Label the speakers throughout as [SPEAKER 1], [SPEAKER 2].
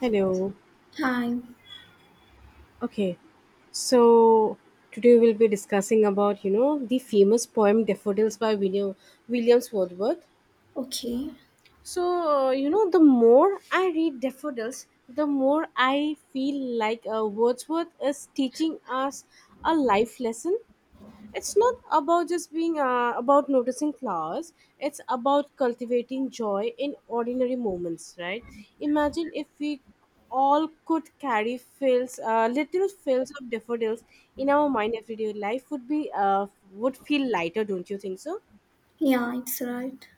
[SPEAKER 1] Hello.
[SPEAKER 2] Hi.
[SPEAKER 1] Okay. So today we'll be discussing about the famous poem Daffodils by William Williams Wordsworth.
[SPEAKER 2] Okay.
[SPEAKER 1] So the more I read Daffodils, the more I feel like Wordsworth is teaching us a life lesson. It's not about just being about noticing flowers. It's about cultivating joy in ordinary moments, right? Imagine if we all could carry fields little fields of daffodils in our mind. Every day life would feel lighter, don't you think so?
[SPEAKER 2] Yeah, it's right.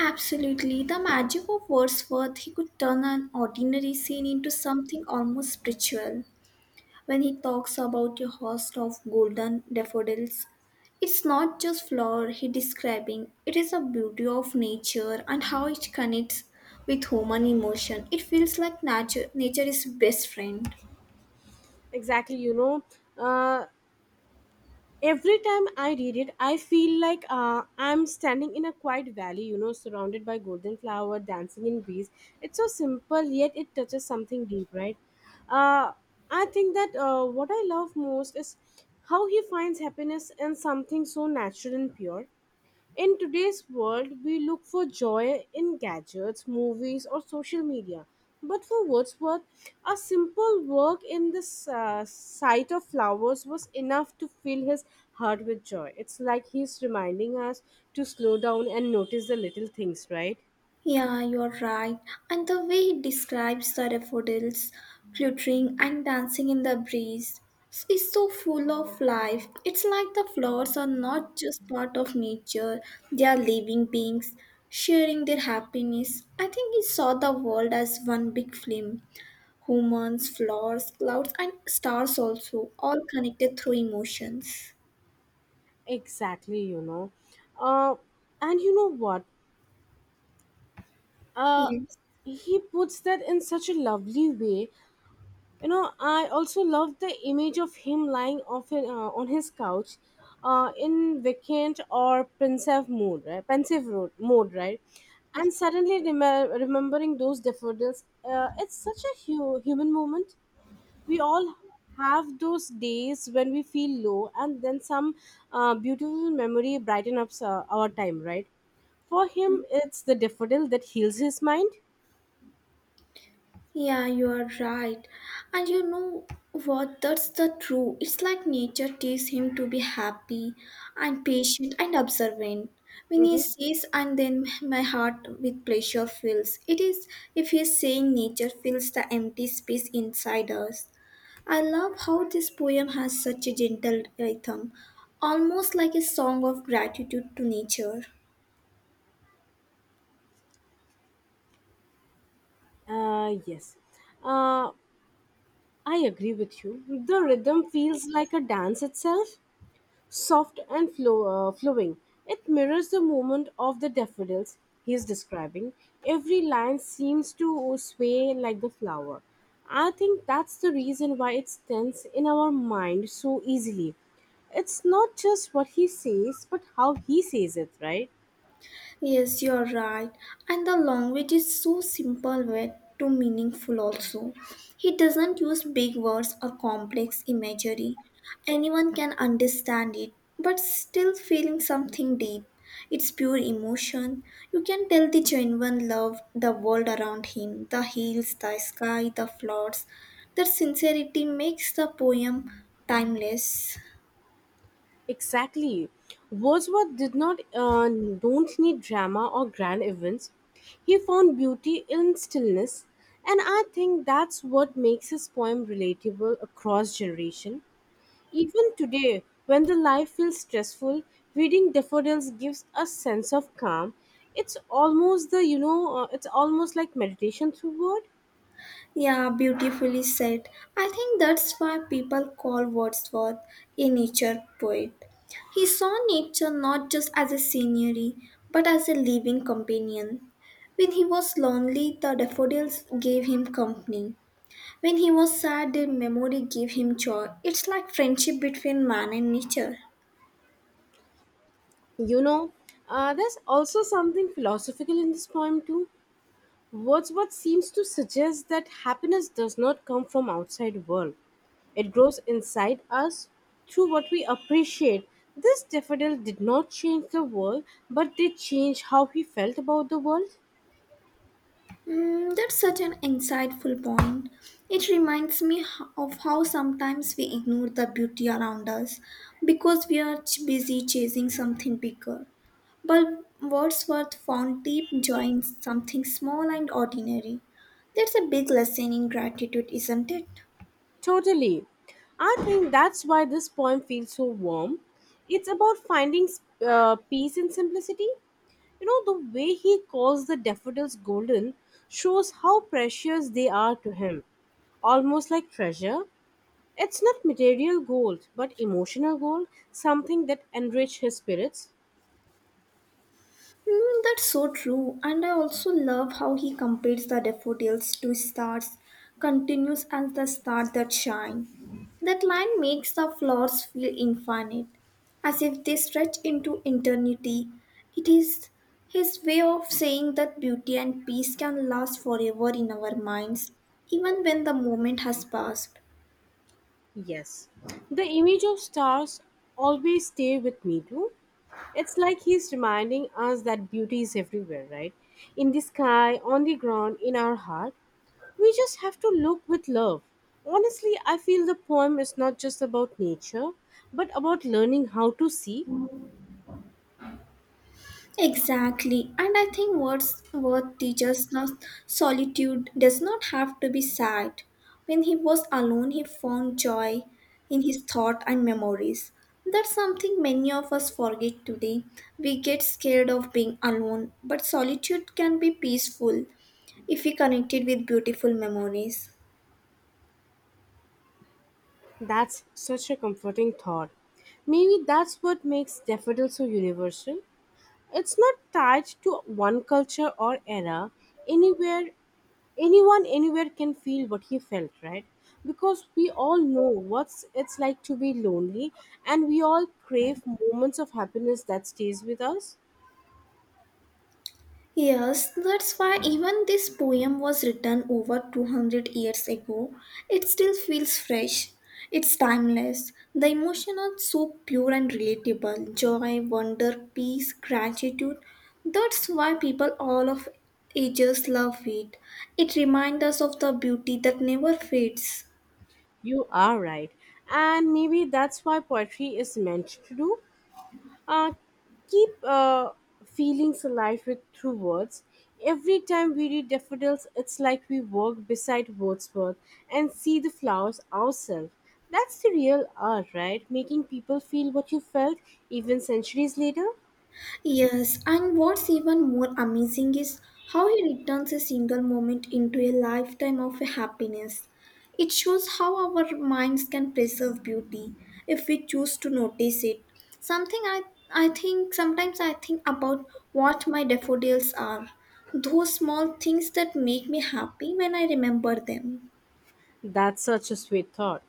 [SPEAKER 2] Absolutely. The magic of Wordsworth, he could turn an ordinary scene into something almost spiritual. When he talks about a host of golden daffodils, it's not just flower he describing, it is a beauty of nature and how it connects with human emotion. It feels like nature is best friend.
[SPEAKER 1] Exactly. Uh, every time I read it, I feel like I'm standing in a quiet valley, surrounded by golden flower dancing in breeze. It's so simple yet it touches something deep, right? uh, I think that what I love most is how he finds happiness in something so natural and pure. In today's world, we look for joy in gadgets, movies, or social media. But for Wordsworth, a simple work in the sight of flowers was enough to fill his heart with joy. It's like he's reminding us to slow down and notice the little things, right?
[SPEAKER 2] Yeah, you're right. And the way he describes the daffodils fluttering and dancing in the breeze is so full of life. It's like the flowers are not just part of nature, they are living beings sharing their happiness. I think he saw the world as one big film humans, flowers, clouds, and stars also, all connected through emotions.
[SPEAKER 1] Exactly. Uh, and you know what? Uh,
[SPEAKER 2] Yes.
[SPEAKER 1] he puts that in such a lovely way. I also love the image of him lying off on his couch in vacant or pensive mood, right? Pensive mode, right? And suddenly remembering those daffodils. It's such a human moment. We all have those days when we feel low, and then some beautiful memory brighten up our time, right? For him it's the daffodil that heals his mind.
[SPEAKER 2] Yeah, you are right. And you know what? That's the true. It's like nature teaches him to be happy and patient and observant. When he
[SPEAKER 1] Mm-hmm.
[SPEAKER 2] sees and then my heart with pleasure fills. It is if he is saying nature fills the empty space inside us. I love how this poem has such a gentle rhythm, almost like a song of gratitude to nature.
[SPEAKER 1] Yes. uh, I agree with you. The rhythm feels like a dance itself, soft and flowing. It mirrors the movement of the daffodils he is describing. Every line seems to sway like the flower. I think that's the reason why it stands in our mind so easily. It's not just what he says, but how he says it, right?
[SPEAKER 2] Yes, you're right. And the language is so simple yet too meaningful also. He doesn't use big words or complex imagery. Anyone can understand it, but still feeling something deep. It's pure emotion. You can tell the genuine love, the world around him, the hills, the sky, the floods. That sincerity makes the poem timeless.
[SPEAKER 1] Exactly. Wordsworth did not don't need drama or grand events. He found beauty in stillness, and I think that's what makes his poem relatable across generation. Even today, when the life feels stressful, reading Daffodils gives a sense of calm. It's almost like meditation through word.
[SPEAKER 2] Yeah, beautifully said. I think that's why people call Wordsworth a nature poet. He saw nature not just as a scenery, but as a living companion. When he was lonely, the daffodils gave him company. When he was sad, their memory gave him joy. It's like friendship between man and nature.
[SPEAKER 1] You know, there's also something philosophical in this poem too. Wordsworth seems to suggest that happiness does not come from outside world. It grows inside us through what we appreciate. This daffodil did not change the world, but did change how he felt about the world.
[SPEAKER 2] Mm, that's such an insightful point. It reminds me of how sometimes we ignore the beauty around us because we are busy chasing something bigger. But Wordsworth found deep joy in something small and ordinary. That's a big lesson in gratitude, isn't it?
[SPEAKER 1] Totally. I think that's why this poem feels so warm. It's about finding peace in simplicity. The way he calls the daffodils golden shows how precious they are to him, almost like treasure. It's not material gold, but emotional gold, something that enrich his spirits.
[SPEAKER 2] Mm, that's so true. And I also love how he compares the daffodils to stars, continuous as the stars that shine. That line makes the flowers feel infinite, as if they stretch into eternity. It is his way of saying that beauty and peace can last forever in our minds, even when the moment has passed.
[SPEAKER 1] Yes. The image of stars always stay with me too. It's like he's reminding us that beauty is everywhere, right? In the sky, on the ground, in our heart. We just have to look with love. Honestly, I feel the poem is not just about nature, but about learning how to see.
[SPEAKER 2] Exactly. And I think what's worth teacher's now solitude does not have to be sad. When he was alone he found joy in his thought and memories. That's something many of us forget today. We get scared of being alone, but solitude can be peaceful if we connect it with beautiful memories.
[SPEAKER 1] That's such a comforting thought. Maybe that's what makes daffodil so universal. It's not tied to one culture or era. Anywhere, anyone anywhere can feel what he felt, right? Because we all know what's it's like to be lonely, and we all crave moments of happiness that stays with us.
[SPEAKER 2] Yes, that's why even this poem was written over 200 years ago. It still feels fresh. It's timeless. The emotions are so pure and relatable joy, wonder, peace, gratitude. That's why people all of ages love it. It reminds us of the beauty that never fades.
[SPEAKER 1] You are right, and maybe that's why poetry is meant to do. uh, Keep feelings alive with through words. Every time we read daffodils, it's like we walk beside Wordsworth and see the flowers ourselves. That's the real art, right? Making people feel what you felt even centuries later.
[SPEAKER 2] Yes, and what's even more amazing is how he returns a single moment into a lifetime of happiness. It shows how our minds can preserve beauty if we choose to notice it. Something I think sometimes I think about what my daffodils are, those small things that make me happy when I remember them.
[SPEAKER 1] That's such a sweet thought.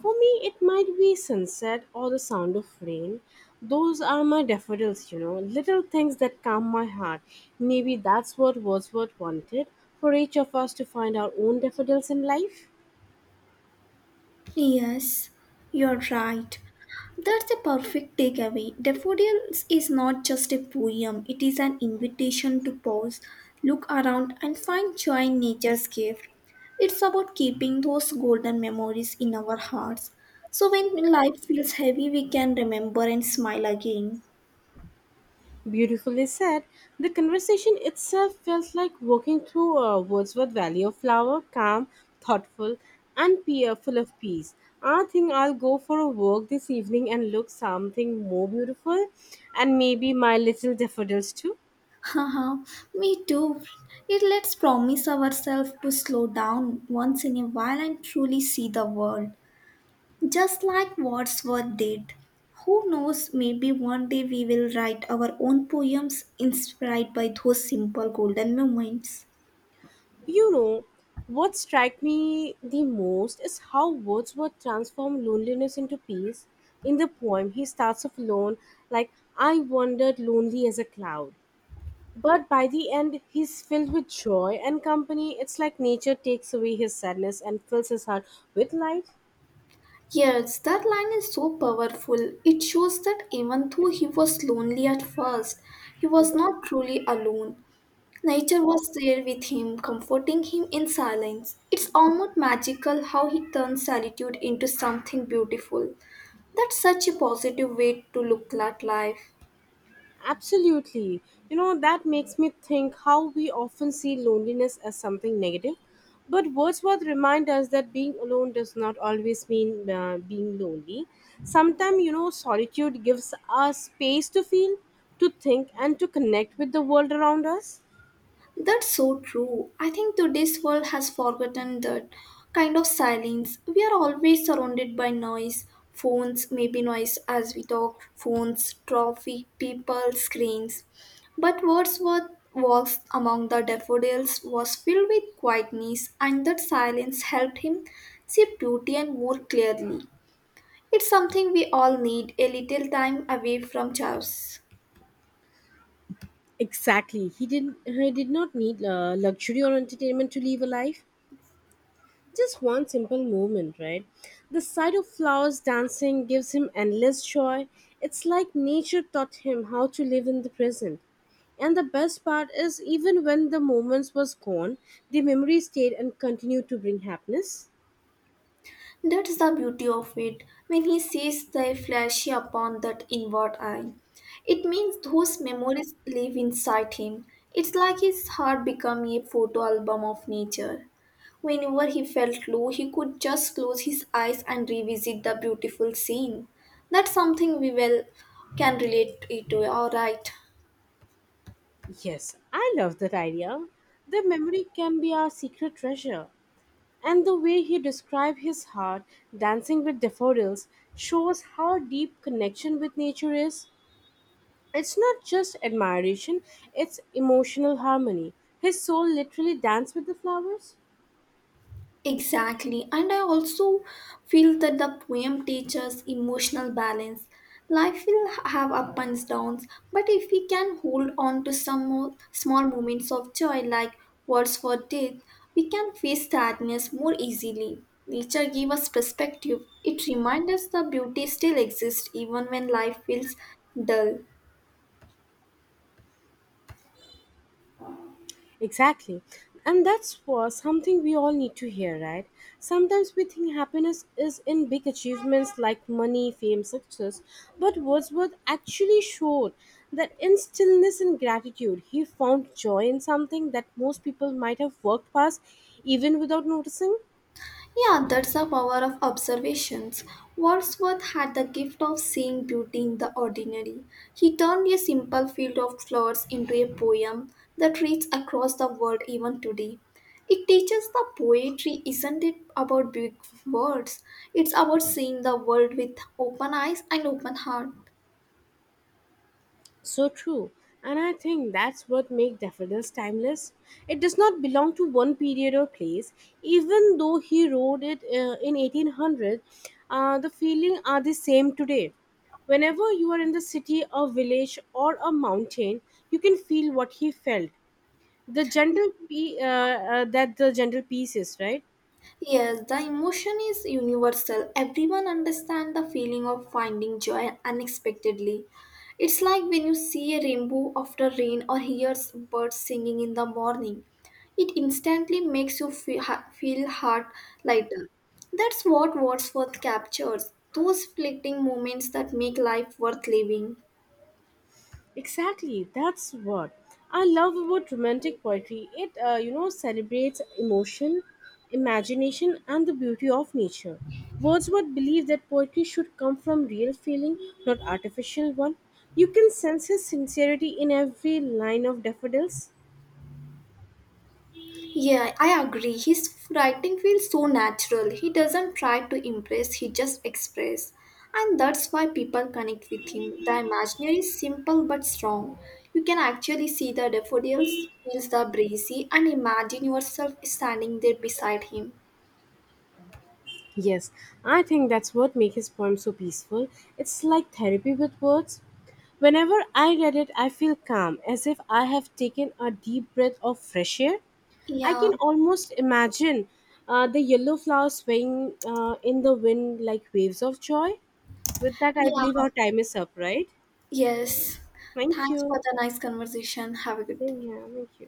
[SPEAKER 1] For me, it might be sunset or the sound of rain. Those are my daffodils, little things that calm my heart. Maybe that's what Wordsworth wanted for each of us to find our own daffodils in life.
[SPEAKER 2] Yes, you're right. That's a perfect takeaway. Daffodils is not just a poem, it is an invitation to pause, look around, and find joy in nature's gift. It's about keeping those golden memories in our hearts. So when life feels heavy, we can remember and smile again.
[SPEAKER 1] Beautifully said. The conversation itself felt like walking through a Wordsworth Valley of flower, calm, thoughtful, and peer full of peace. I think I'll go for a walk this evening and look something more beautiful, and maybe my little daffodils too.
[SPEAKER 2] Haha, me too. It lets promise ourselves to slow down once in a while and truly see the world. Just like Wordsworth did. Who knows, maybe one day we will write our own poems inspired by those simple golden moments.
[SPEAKER 1] You know, what struck me the most is how Wordsworth transformed loneliness into peace. In the poem, he starts off alone, like "I wandered lonely as a cloud." But by the end, he's filled with joy and company. It's like nature takes away his sadness and fills his heart with light.
[SPEAKER 2] Yes, that line is so powerful. It shows that even though he was lonely at first, he was not truly alone. Nature was there with him, comforting him in silence. It's almost magical how he turns solitude into something beautiful. That's such a positive way to look at life.
[SPEAKER 1] Absolutely. That makes me think how we often see loneliness as something negative. But Wordsworth reminds us that being alone does not always mean being lonely. Sometimes, solitude gives us space to feel, to think, and to connect with the world around us.
[SPEAKER 2] That's so true. I think today's world has forgotten that kind of silence. We are always surrounded by noise. Phones, maybe noise as we talk, phones, traffic, people, screens. But Wordsworth walks among the daffodils was filled with quietness, and that silence helped him see beauty and more clearly. It's something we all need a little time away from chaos.
[SPEAKER 1] Exactly. He did not need luxury or entertainment to live a life. Just one simple movement, right? The sight of flowers dancing gives him endless joy. It's like nature taught him how to live in the present. And the best part is even when the moments was gone, the memory stayed and continued to bring happiness.
[SPEAKER 2] That's the beauty of it. When he sees the flash upon that inward eye, it means those memories live inside him. It's like his heart becoming a photo album of nature. Whenever he felt low, he could just close his eyes and revisit the beautiful scene. That's something we well can relate it to, alright.
[SPEAKER 1] Yes, I love that idea. The memory can be our secret treasure. And the way he described his heart dancing with daffodils shows how deep connection with nature is. It's not just admiration, it's emotional harmony. His soul literally danced with the flowers.
[SPEAKER 2] Exactly, and I also feel that the poem teaches emotional balance. Life will have up and downs, but if we can hold on to some more small moments of joy, like words for death, we can face sadness more easily. Nature gives us perspective. It reminds us the beauty still exists even when life feels dull.
[SPEAKER 1] Exactly. And that's was something we all need to hear, right? Sometimes we think happiness is in big achievements like money, fame, success, but Wordsworth actually showed that in stillness and gratitude, he found joy in something that most people might have worked past even without noticing.
[SPEAKER 2] Yeah, that's the power of observations. Wordsworth had the gift of seeing beauty in the ordinary. He turned a simple field of flowers into a poem that reads across the world even today. It teaches the poetry isn't it about big words, it's about seeing the world with open eyes and open heart.
[SPEAKER 1] So true. And I think that's what makes Daffodils timeless. It does not belong to one period or place. Even though he wrote it in 1800, the feeling are the same today. Whenever you are in the city, a village, or a mountain, you can feel what he felt. The gentle peace is right.
[SPEAKER 2] Yes, the emotion is universal. Everyone understands the feeling of finding joy unexpectedly. It's like when you see a rainbow after rain or hears birds singing in the morning. It instantly makes you feel heart lighter. That's what Wordsworth captures those fleeting moments that make life worth living.
[SPEAKER 1] Exactly, that's what I love about romantic poetry. It celebrates emotion, imagination, and the beauty of nature. Wordsworth believed that poetry should come from real feeling, not artificial one. You can sense his sincerity in every line of daffodils.
[SPEAKER 2] Yeah, I agree. His writing feels so natural. He doesn't try to impress, he just express. And that's why people connect with him. The imaginary is simple but strong. You can actually see the daffodils, feel the breezy, and imagine yourself standing there beside him.
[SPEAKER 1] Yes, I think that's what makes his poem so peaceful. It's like therapy with words. Whenever I read it, I feel calm, as if I have taken a deep breath of fresh air. I
[SPEAKER 2] Yeah,
[SPEAKER 1] can almost imagine the yellow flowers swaying in the wind like waves of joy. With that, I believe
[SPEAKER 2] yeah,
[SPEAKER 1] our time is up, right?
[SPEAKER 2] yes.
[SPEAKER 1] Thank
[SPEAKER 2] Thanks for
[SPEAKER 1] you.
[SPEAKER 2] the nice conversation. Have a good day.
[SPEAKER 1] Same here. Thank you.